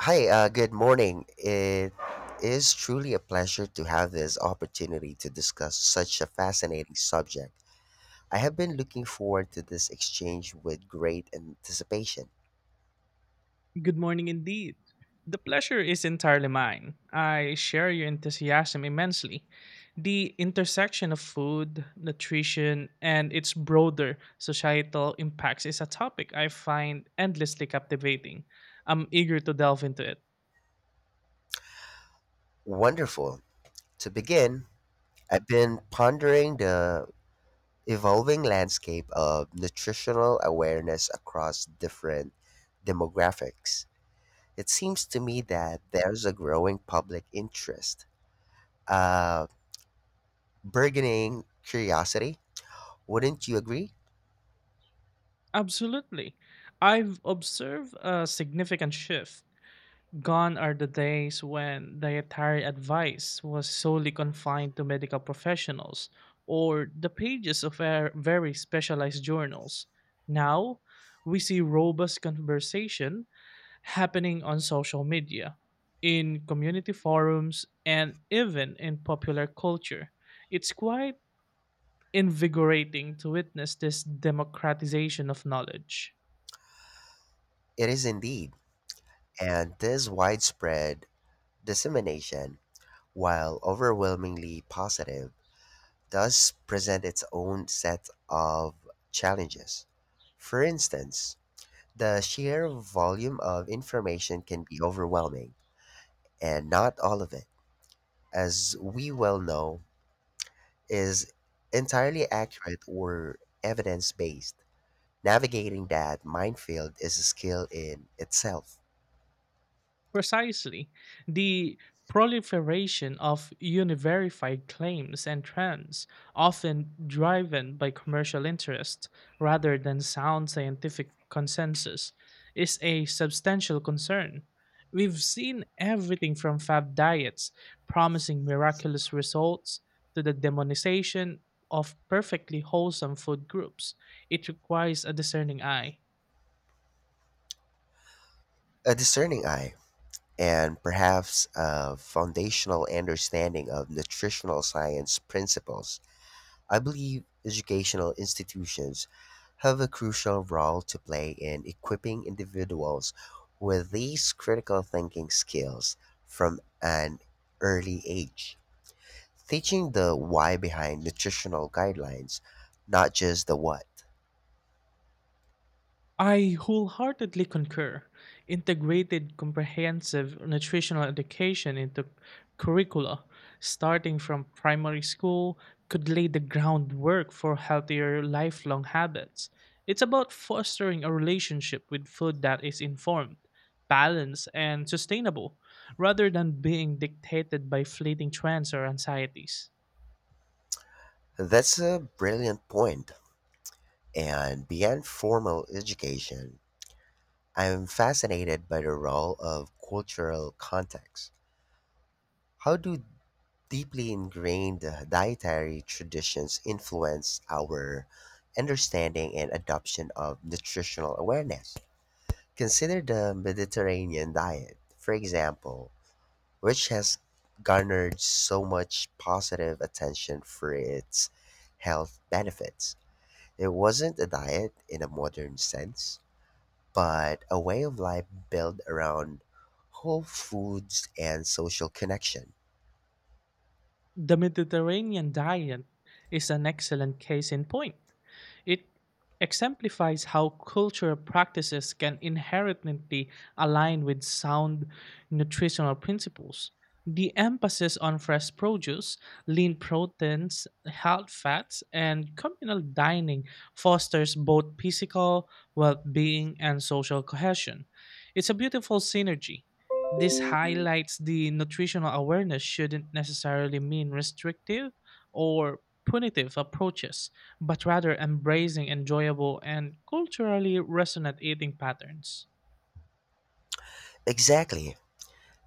Hi, good morning. It is truly a pleasure to have this opportunity to discuss such a fascinating subject. I have been looking forward to this exchange with great anticipation. Good morning indeed. The pleasure is entirely mine. I share your enthusiasm immensely. The intersection of food, nutrition, and its broader societal impacts is a topic I find endlessly captivating. I'm eager to delve into it. Wonderful. To begin, I've been pondering the evolving landscape of nutritional awareness across different demographics. It seems to me that there's a growing public interest, uh, burgeoning curiosity. Wouldn't you agree? Absolutely. I've observed a significant shift. Gone are the days when dietary advice was solely confined to medical professionals or the pages of very specialized journals. Now, we see robust conversation happening on social media, in community forums, and even in popular culture. It's quite invigorating to witness this democratization of knowledge. It is indeed. And this widespread dissemination, while overwhelmingly positive, does present its own set of challenges. For instance, the sheer volume of information can be overwhelming, and not all of it, as we well know, is entirely accurate or evidence based. Navigating that minefield is a skill in itself. Precisely. The proliferation of unverified claims and trends, often driven by commercial interest rather than sound scientific consensus, is a substantial concern. We've seen everything from fad diets promising miraculous results to the demonization of perfectly wholesome food groups. It requires a discerning eye. A discerning eye and perhaps a foundational understanding of nutritional science principles, I believe educational institutions have a crucial role to play in equipping individuals with these critical thinking skills from an early age. Teaching the why behind nutritional guidelines, not just the what. I wholeheartedly concur. Integrated comprehensive nutritional education into curricula, starting from primary school, could lay the groundwork for healthier lifelong habits. It's about fostering a relationship with food that is informed, balanced, and sustainable rather than being dictated by fleeting trends or anxieties. That's a brilliant point. And beyond formal education, I'm fascinated by the role of cultural context. How do deeply ingrained dietary traditions influence our understanding and adoption of nutritional awareness? Consider the Mediterranean diet, for example, which has garnered so much positive attention for its health benefits. It wasn't a diet in a modern sense, but a way of life built around whole foods and social connection. The Mediterranean diet is an excellent case in point. It exemplifies how cultural practices can inherently align with sound nutritional principles. The emphasis on fresh produce, lean proteins, health fats, and communal dining fosters both physical well being and social cohesion. It's a beautiful synergy. This highlights the nutritional awareness shouldn't necessarily mean restrictive or punitive approaches but rather embracing enjoyable and culturally resonant eating patterns. Exactly.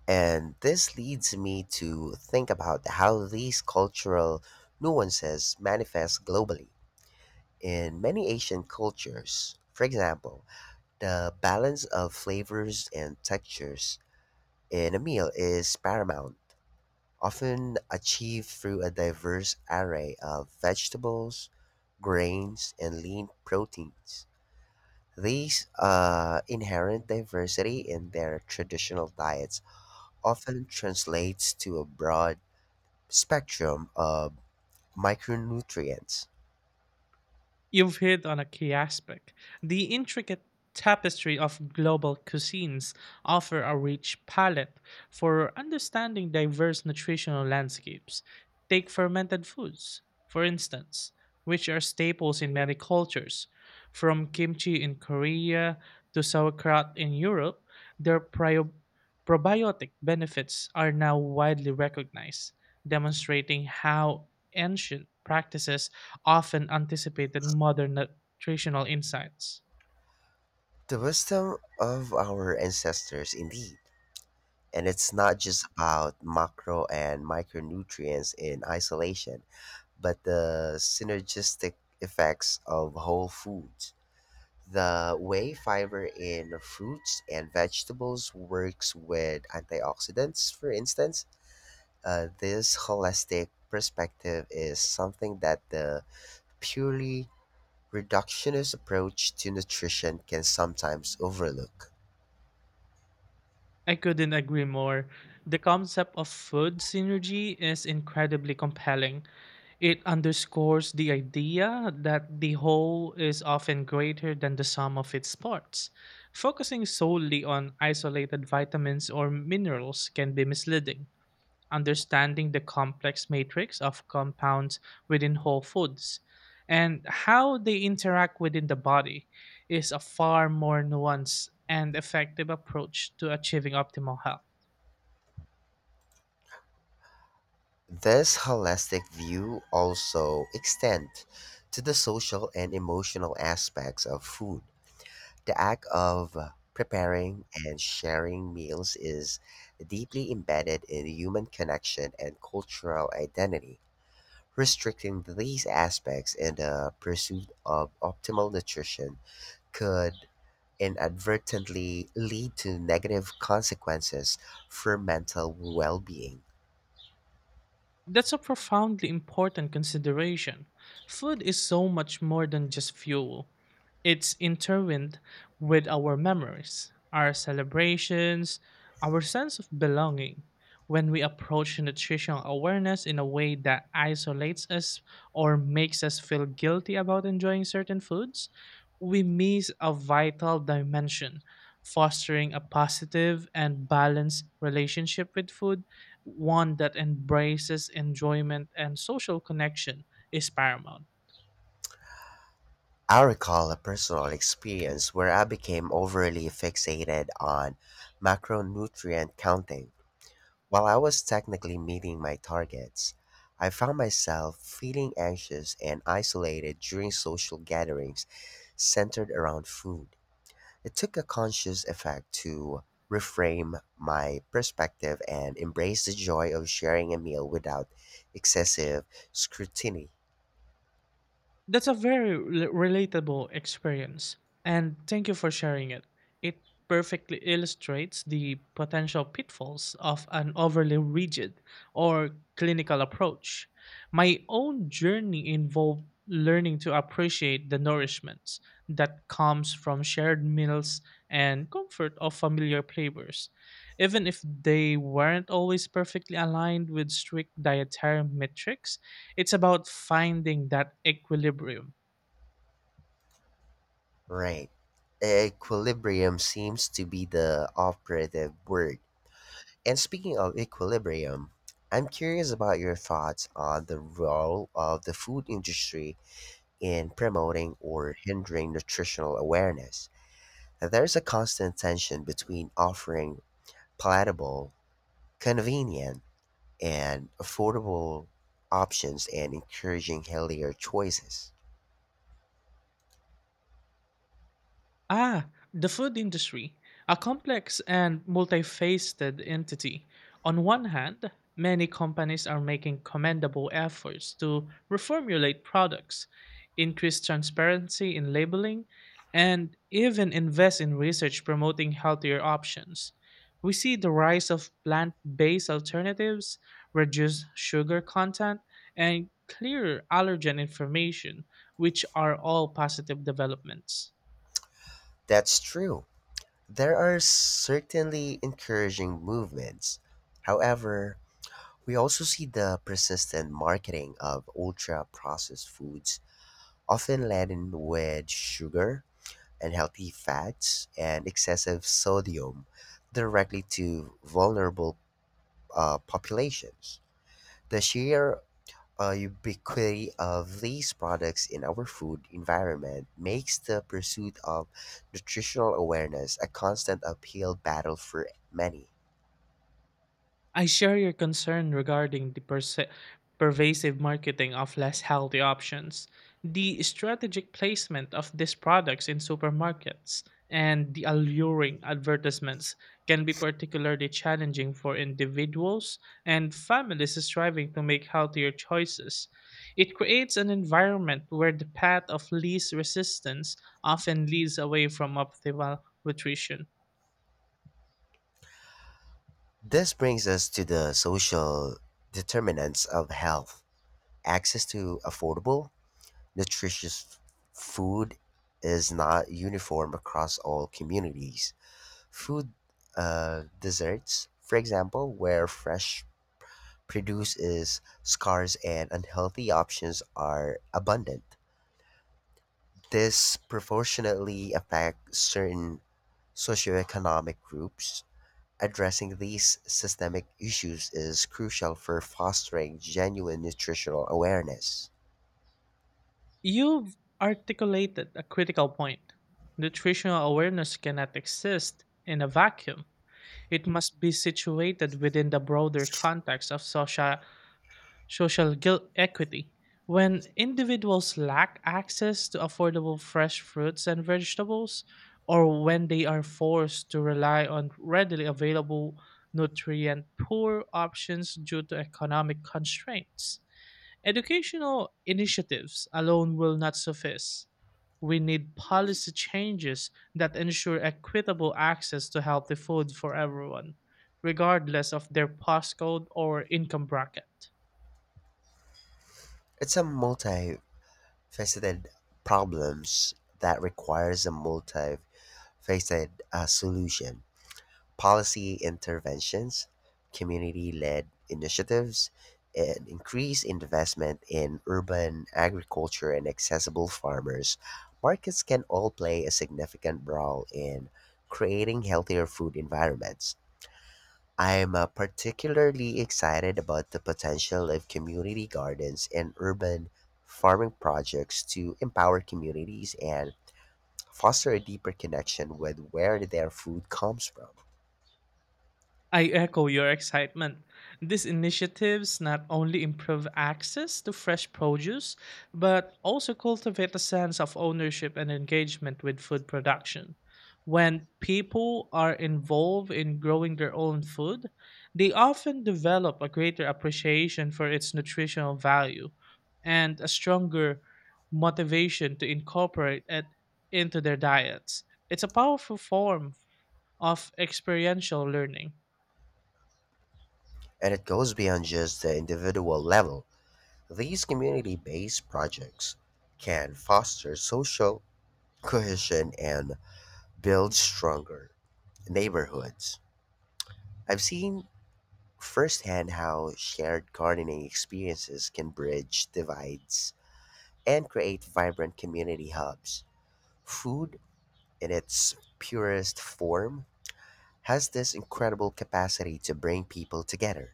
And this leads me to think about how these cultural nuances manifest globally. In many Asian cultures, for example, the balance of flavors and textures in a meal is paramount, often achieved through a diverse array of vegetables, grains, and lean proteins. These inherent diversity in their traditional diets often translates to a broad spectrum of micronutrients. You've hit on a key aspect. The intricate tapestry of global cuisines offer a rich palette for understanding diverse nutritional landscapes. Take fermented foods, for instance, which are staples in many cultures. From kimchi in Korea to sauerkraut in Europe, their probiotic benefits are now widely recognized, demonstrating how ancient practices often anticipated modern nutritional insights. The wisdom of our ancestors, indeed. And it's not just about macro and micronutrients in isolation, but the synergistic effects of whole foods. The way fiber in fruits and vegetables works with antioxidants, for instance, this holistic perspective is something that the purely reductionist approach to nutrition can sometimes overlook. I couldn't agree more. The concept of food synergy is incredibly compelling. It underscores the idea that the whole is often greater than the sum of its parts. Focusing solely on isolated vitamins or minerals can be misleading. Understanding the complex matrix of compounds within whole foods and how they interact within the body is a far more nuanced and effective approach to achieving optimal health. This holistic view also extends to the social and emotional aspects of food. The act of preparing and sharing meals is deeply embedded in human connection and cultural identity. Restricting these aspects in the pursuit of optimal nutrition could inadvertently lead to negative consequences for mental well being. That's a profoundly important consideration. Food is so much more than just fuel. It's intertwined with our memories, our celebrations, our sense of belonging. When we approach nutritional awareness in a way that isolates us or makes us feel guilty about enjoying certain foods, we miss a vital dimension. Fostering a positive and balanced relationship with food, one that embraces enjoyment and social connection, is paramount. I recall a personal experience where I became overly fixated on macronutrient counting. While I was technically meeting my targets, I found myself feeling anxious and isolated during social gatherings centered around food. It took a conscious effort to reframe my perspective and embrace the joy of sharing a meal without excessive scrutiny. That's a very relatable experience, and thank you for sharing it. It perfectly illustrates the potential pitfalls of an overly rigid or clinical approach. My own journey involved learning to appreciate the nourishments that comes from shared meals and comfort of familiar flavors, even if they weren't always perfectly aligned with strict dietary metrics. It's about finding that equilibrium. Right. Equilibrium seems to be the operative word. And speaking of equilibrium, I'm curious about your thoughts on the role of the food industry in promoting or hindering nutritional awareness. There's a constant tension between offering palatable, convenient, and affordable options and encouraging healthier choices. Ah, the food industry, a complex and multifaceted entity. On one hand, many companies are making commendable efforts to reformulate products, increase transparency in labeling, and even invest in research promoting healthier options. We see the rise of plant based alternatives, reduced sugar content, and clearer allergen information, which are all positive developments. That's true. There are certainly encouraging movements. However, we also see the persistent marketing of ultra processed foods, often laden with sugar, unhealthy fats, and excessive sodium, directly to vulnerable populations. The sheer ubiquity of these products in our food environment makes the pursuit of nutritional awareness a constant uphill battle for many. I share your concern regarding the pervasive marketing of less healthy options, the strategic placement of these products in supermarkets, and the alluring advertisements can be particularly challenging for individuals and families striving to make healthier choices. It creates an environment where the path of least resistance often leads away from optimal nutrition. This brings us to the social determinants of health. Access to affordable, nutritious food is not uniform across all communities. Food desserts, for example, where fresh produce is scarce and unhealthy options are abundant. This proportionately affects certain socioeconomic groups. Addressing these systemic issues is crucial for fostering genuine nutritional awareness. You've articulated a critical point. Nutritional awareness cannot exist in a vacuum. It must be situated within the broader context of social guilt equity. When individuals lack access to affordable fresh fruits and vegetables, or when they are forced to rely on readily available nutrient poor options due to economic constraints, educational initiatives alone will not suffice. We need policy changes that ensure equitable access to healthy food for everyone, regardless of their postcode or income bracket. It's a multifaceted problem that requires a multifaceted solution. Policy interventions, community led initiatives, and increased investment in urban agriculture and accessible farmers, markets can all play a significant role in creating healthier food environments. I'm particularly excited about the potential of community gardens and urban farming projects to empower communities and foster a deeper connection with where their food comes from. I echo your excitement. These initiatives not only improve access to fresh produce, but also cultivate a sense of ownership and engagement with food production. When people are involved in growing their own food, they often develop a greater appreciation for its nutritional value and a stronger motivation to incorporate it into their diets. It's a powerful form of experiential learning. And it goes beyond just the individual level. These community based projects can foster social cohesion and build stronger neighborhoods. I've seen firsthand how shared gardening experiences can bridge divides and create vibrant community hubs. Food, in its purest form, has this incredible capacity to bring people together.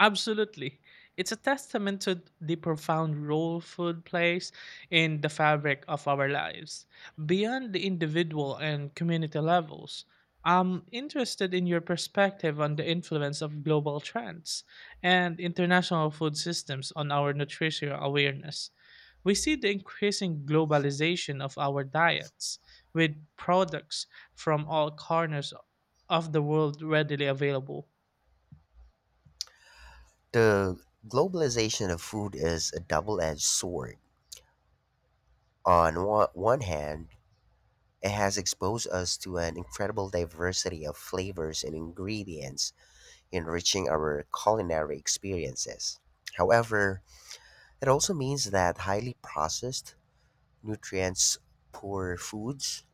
Absolutely. It's a testament to the profound role food plays in the fabric of our lives, beyond the individual and community levels. I'm interested in your perspective on the influence of global trends and international food systems on our nutritional awareness. We see the increasing globalization of our diets, with products from all corners of the world readily available. The globalization of food is a double edged sword. On one hand, it has exposed us to an incredible diversity of flavors and ingredients, enriching our culinary experiences. However, it also means that highly processed, nutrients poor foods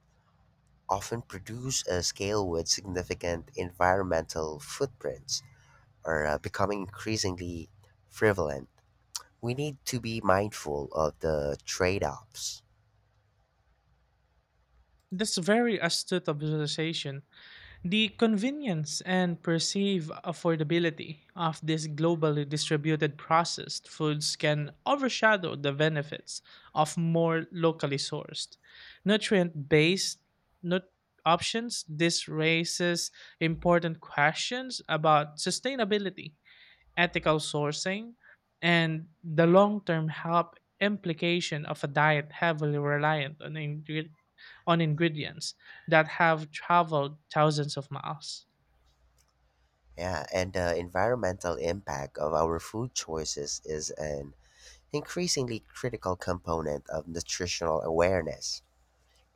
often produce a scale with significant environmental footprints are becoming increasingly prevalent, we need to be mindful of the trade offs. That's very astute observation. The convenience and perceived affordability of this globally distributed processed foods can overshadow the benefits of more locally sourced, nutrient-based nut- options. This raises important questions about sustainability ethical sourcing, and the long term health implication of a diet heavily reliant on, on ingredients that have traveled thousands of miles. Yeah, and the environmental impact of our food choices is an increasingly critical component of nutritional awareness.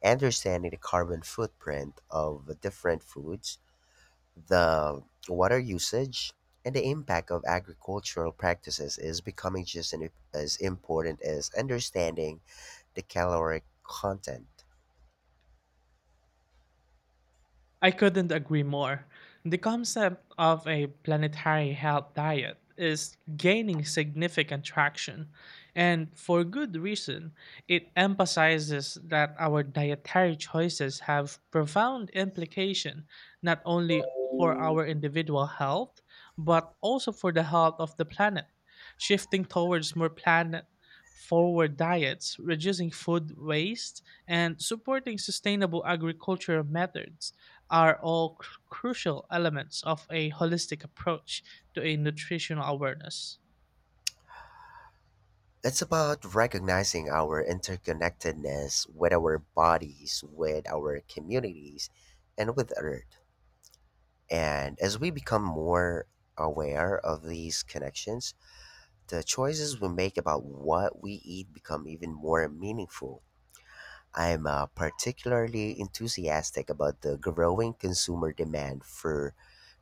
Understanding the carbon footprint of different foods, the water usage, and the impact of agricultural practices is becoming as important as understanding the caloric content. I couldn't agree more. The concept of a planetary health diet is gaining significant traction, and for good reason. It emphasizes that our dietary choices have profound implication not only for our individual health, but also for the health of the planet. Shifting towards more planet forward diets, reducing food waste, and supporting sustainable agricultural methods are all crucial elements of a holistic approach to a nutritional awareness. It's about recognizing our interconnectedness with our bodies, with our communities, and with Earth. And as we become more aware of these connections, the choices we make about what we eat become even more meaningful. I'm particularly enthusiastic about the growing consumer demand for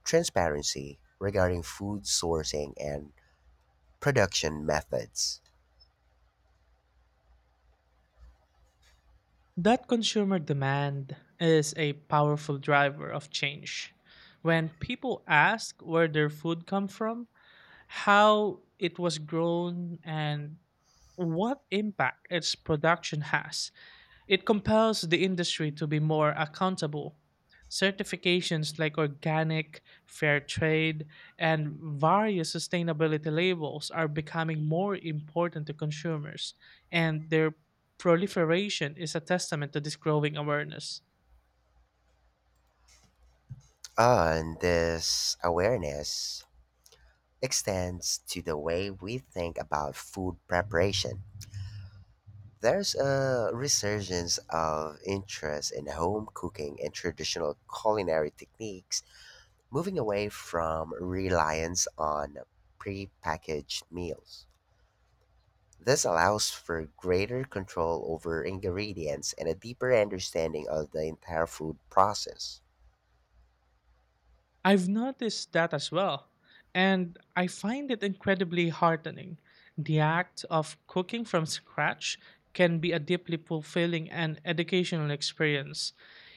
transparency regarding food sourcing and production methods. That consumer demand is a powerful driver of change. When people ask where their food come from, how it was grown and what impact its production has, it compels the industry to be more accountable. Certifications like organic, fair trade, and various sustainability labels are becoming more important to consumers, and their proliferation is a testament to this growing awareness. On this awareness extends to the way we think about food preparation. There's a resurgence of interest in home cooking and traditional culinary techniques, moving away from reliance on prepackaged meals. This allows for greater control over ingredients and a deeper understanding of the entire food process. I've noticed that as well, and I find it incredibly heartening. The act of cooking from scratch can be a deeply fulfilling and educational experience.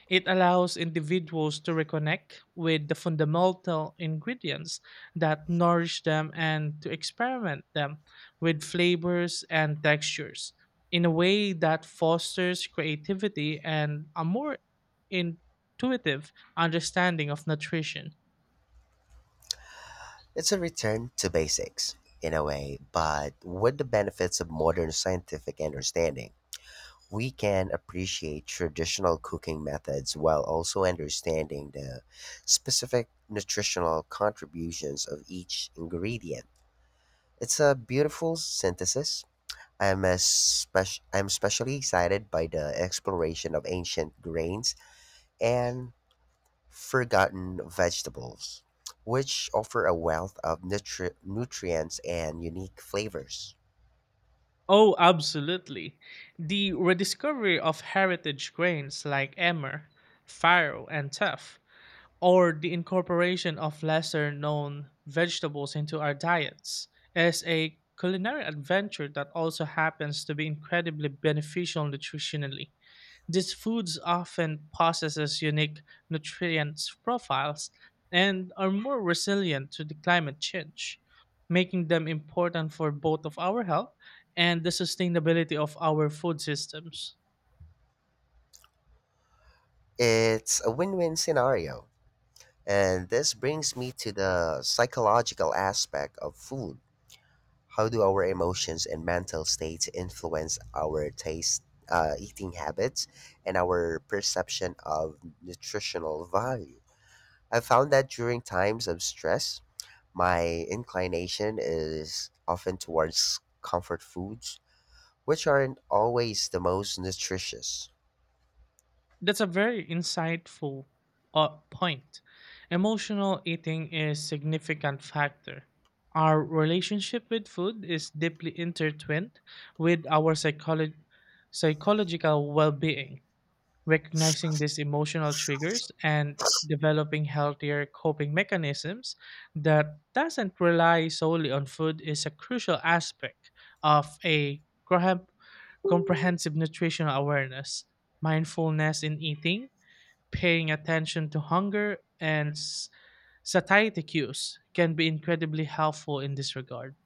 It allows individuals to reconnect with the fundamental ingredients that nourish them and to experiment them with flavors and textures in a way that fosters creativity and a more intuitive understanding of nutrition. It's a return to basics, in a way, but with the benefits of modern scientific understanding. We can appreciate traditional cooking methods while also understanding the specific nutritional contributions of each ingredient. It's a beautiful synthesis. I'm especially excited by the exploration of ancient grains and forgotten vegetables, which offer a wealth of nutrients and unique flavors. Oh, absolutely. The rediscovery of heritage grains like emmer, farro, and tuff or the incorporation of lesser known vegetables into our diets is a culinary adventure that also happens to be incredibly beneficial nutritionally. These foods often possess unique nutrient profiles and are more resilient to the climate change, making them important for both of our health and the sustainability of our food systems. It's a win win scenario. And this brings me to the psychological aspect of food. How do our emotions and mental states influence our taste, eating habits, and our perception of nutritional value? I found that during times of stress, my inclination is often towards comfort foods, which aren't always the most nutritious. That's a very insightful point. Emotional eating is significant factor. Our relationship with food is deeply intertwined with our psychological well-being. Recognizing these emotional triggers and developing healthier coping mechanisms that doesn't rely solely on food is a crucial aspect of a comprehensive nutritional awareness. Mindfulness in eating, paying attention to hunger and satiety cues can be incredibly helpful in this regard.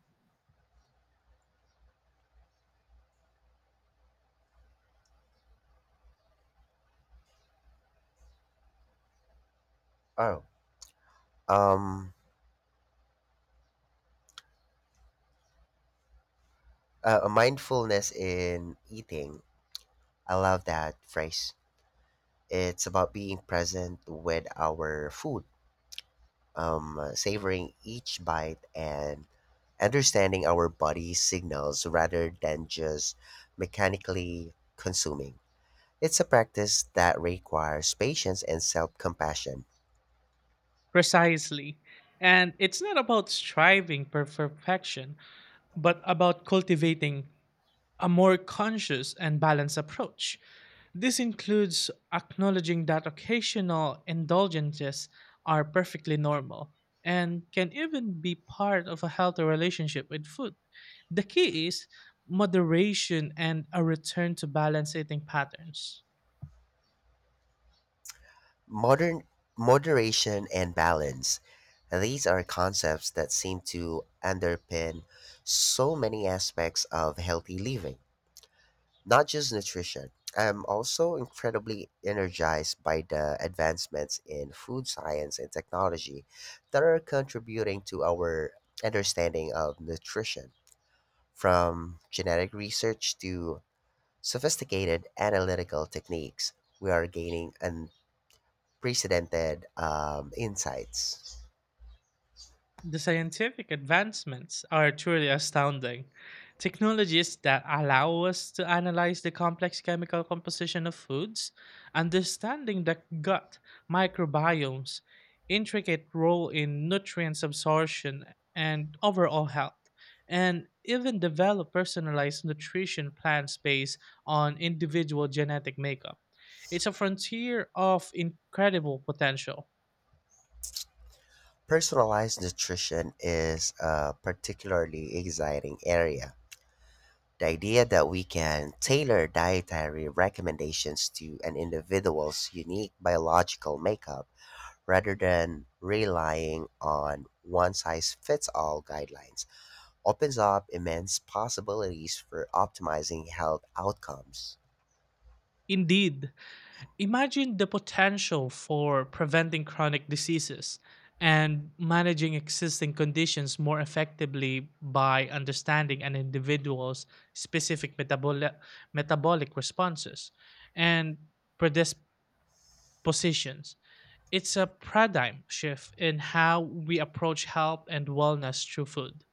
Oh, um, mindfulness in eating. I love that phrase. It's about being present with our food, savoring each bite and understanding our body's signals rather than just mechanically consuming. It's a practice that requires patience and self compassion. Precisely. And it's not about striving for perfection, but about cultivating a more conscious and balanced approach. This includes acknowledging that occasional indulgences are perfectly normal and can even be part of a healthy relationship with food. The key is moderation and a return to balanced eating patterns. Modern moderation and balance. These are concepts that seem to underpin so many aspects of healthy living. Not just nutrition. I'm also incredibly energized by the advancements in food science and technology that are contributing to our understanding of nutrition, from genetic research to sophisticated analytical techniques. We are gaining unprecedented insights. The scientific advancements are truly astounding. Technologies that allow us to analyze the complex chemical composition of foods, understanding the gut microbiome's intricate role in nutrients absorption and overall health, and even develop personalized nutrition plans based on individual genetic makeup. It's a frontier of incredible potential. Personalized nutrition is a particularly exciting area. The idea that we can tailor dietary recommendations to an individual's unique biological makeup rather than relying on one size fits all guidelines opens up immense possibilities for optimizing health outcomes. Indeed, imagine the potential for preventing chronic diseases and managing existing conditions more effectively by understanding an individual's specific metabolic responses and predispositions. It's a paradigm shift in how we approach health and wellness through food.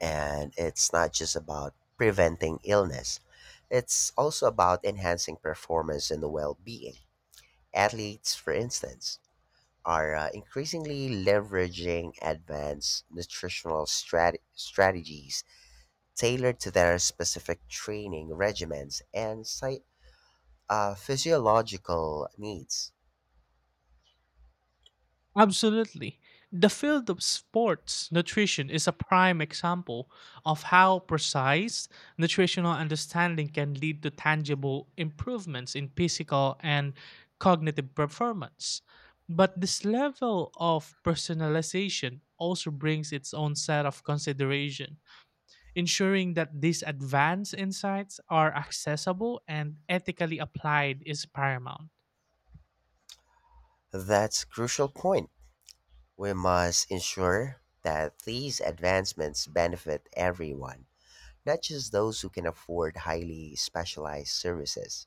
And it's not just about preventing illness, it's also about enhancing performance and well being. Athletes, for instance, are increasingly leveraging advanced nutritional strategies tailored to their specific training regimens and site, physiological needs. Absolutely. The field of sports nutrition is a prime example of how precise nutritional understanding can lead to tangible improvements in physical and cognitive performance. But this level of personalization also brings its own set of consideration, ensuring that these advanced insights are accessible and ethically applied is paramount. That's a crucial point. We must ensure that these advancements benefit everyone, not just those who can afford highly specialized services.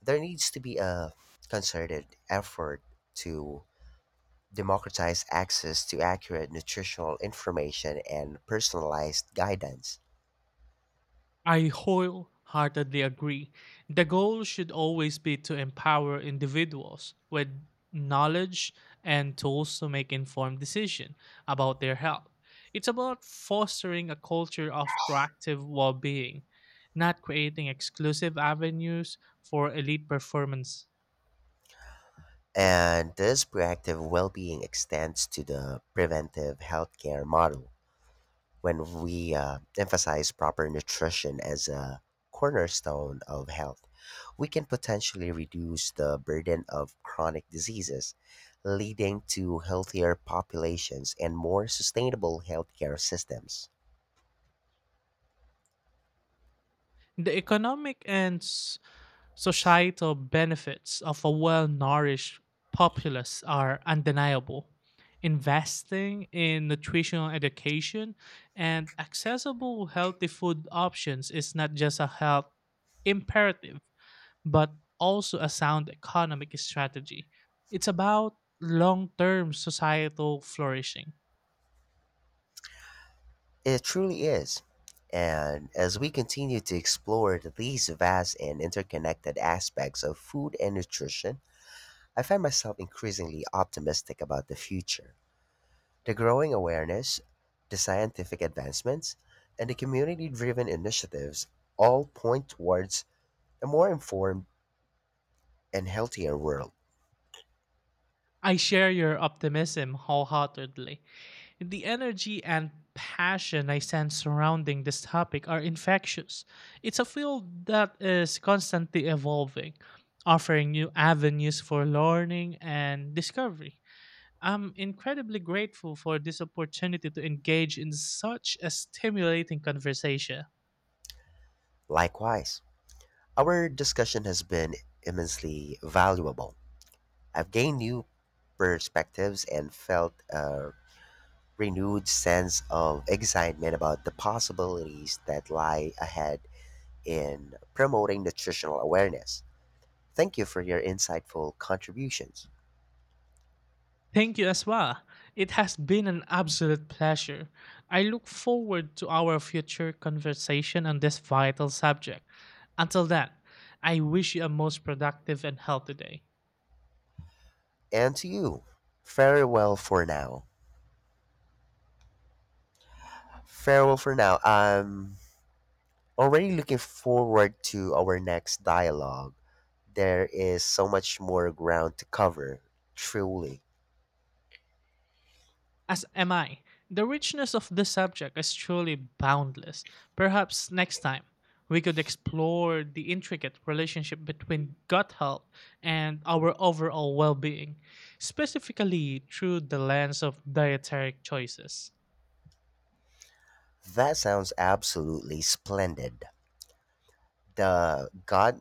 There needs to be a concerted effort to democratize access to accurate nutritional information and personalized guidance. I wholeheartedly agree. The goal should always be to empower individuals with knowledge and tools to make informed decisions about their health. It's about fostering a culture of proactive well being, not creating exclusive avenues for elite performance. And this proactive well being extends to the preventive healthcare model when we emphasize proper nutrition as a cornerstone of health. We can potentially reduce the burden of chronic diseases, leading to healthier populations and more sustainable healthcare systems. The economic and societal benefits of a well nourished populace are undeniable. Investing in nutritional education and accessible healthy food options is not just a health imperative, but also a sound economic strategy. It's about long term societal flourishing. It truly is. And as we continue to explore these vast and interconnected aspects of food and nutrition, I find myself increasingly optimistic about the future. The growing awareness, the scientific advancements, and the community driven initiatives all point towards a more informed and healthier world. I share your optimism wholeheartedly. The energy and passion I sense surrounding this topic are infectious. It's a field that is constantly evolving, offering new avenues for learning and discovery. I'm incredibly grateful for this opportunity to engage in such a stimulating conversation. Likewise, our discussion has been immensely valuable. I've gained new perspectives and felt a renewed sense of excitement about the possibilities that lie ahead in promoting nutritional awareness. Thank you for your insightful contributions. Thank you as well. It has been an absolute pleasure. I look forward to our future conversation on this vital subject. Until then, I wish you a most productive and healthy day. And to you, farewell for now. Farewell for now. Already looking forward to our next dialogue. There is so much more ground to cover, truly. As am I. The richness of this subject is truly boundless. Perhaps next time we could explore the intricate relationship between gut health and our overall well being, specifically through the lens of dietary choices. That sounds absolutely splendid. The gut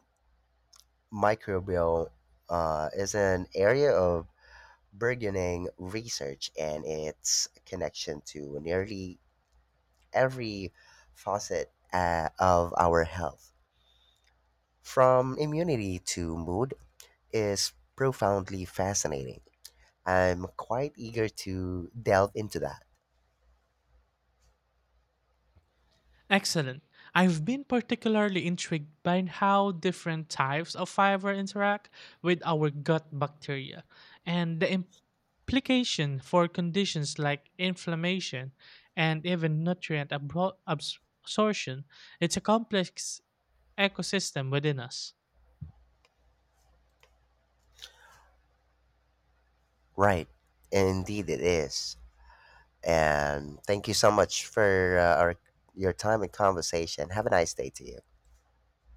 microbiome is an area of burgeoning research and its connection to nearly every facet of our health, from immunity to mood, is profoundly fascinating. I'm quite eager to delve into that. Excellent. I've been particularly intrigued by how different types of fiber interact with our gut bacteria and the implication for conditions like inflammation and even nutrient absorption. It's a complex ecosystem within us. Right. Indeed, it is. And thank you so much for your time and conversation. Have a nice day to you.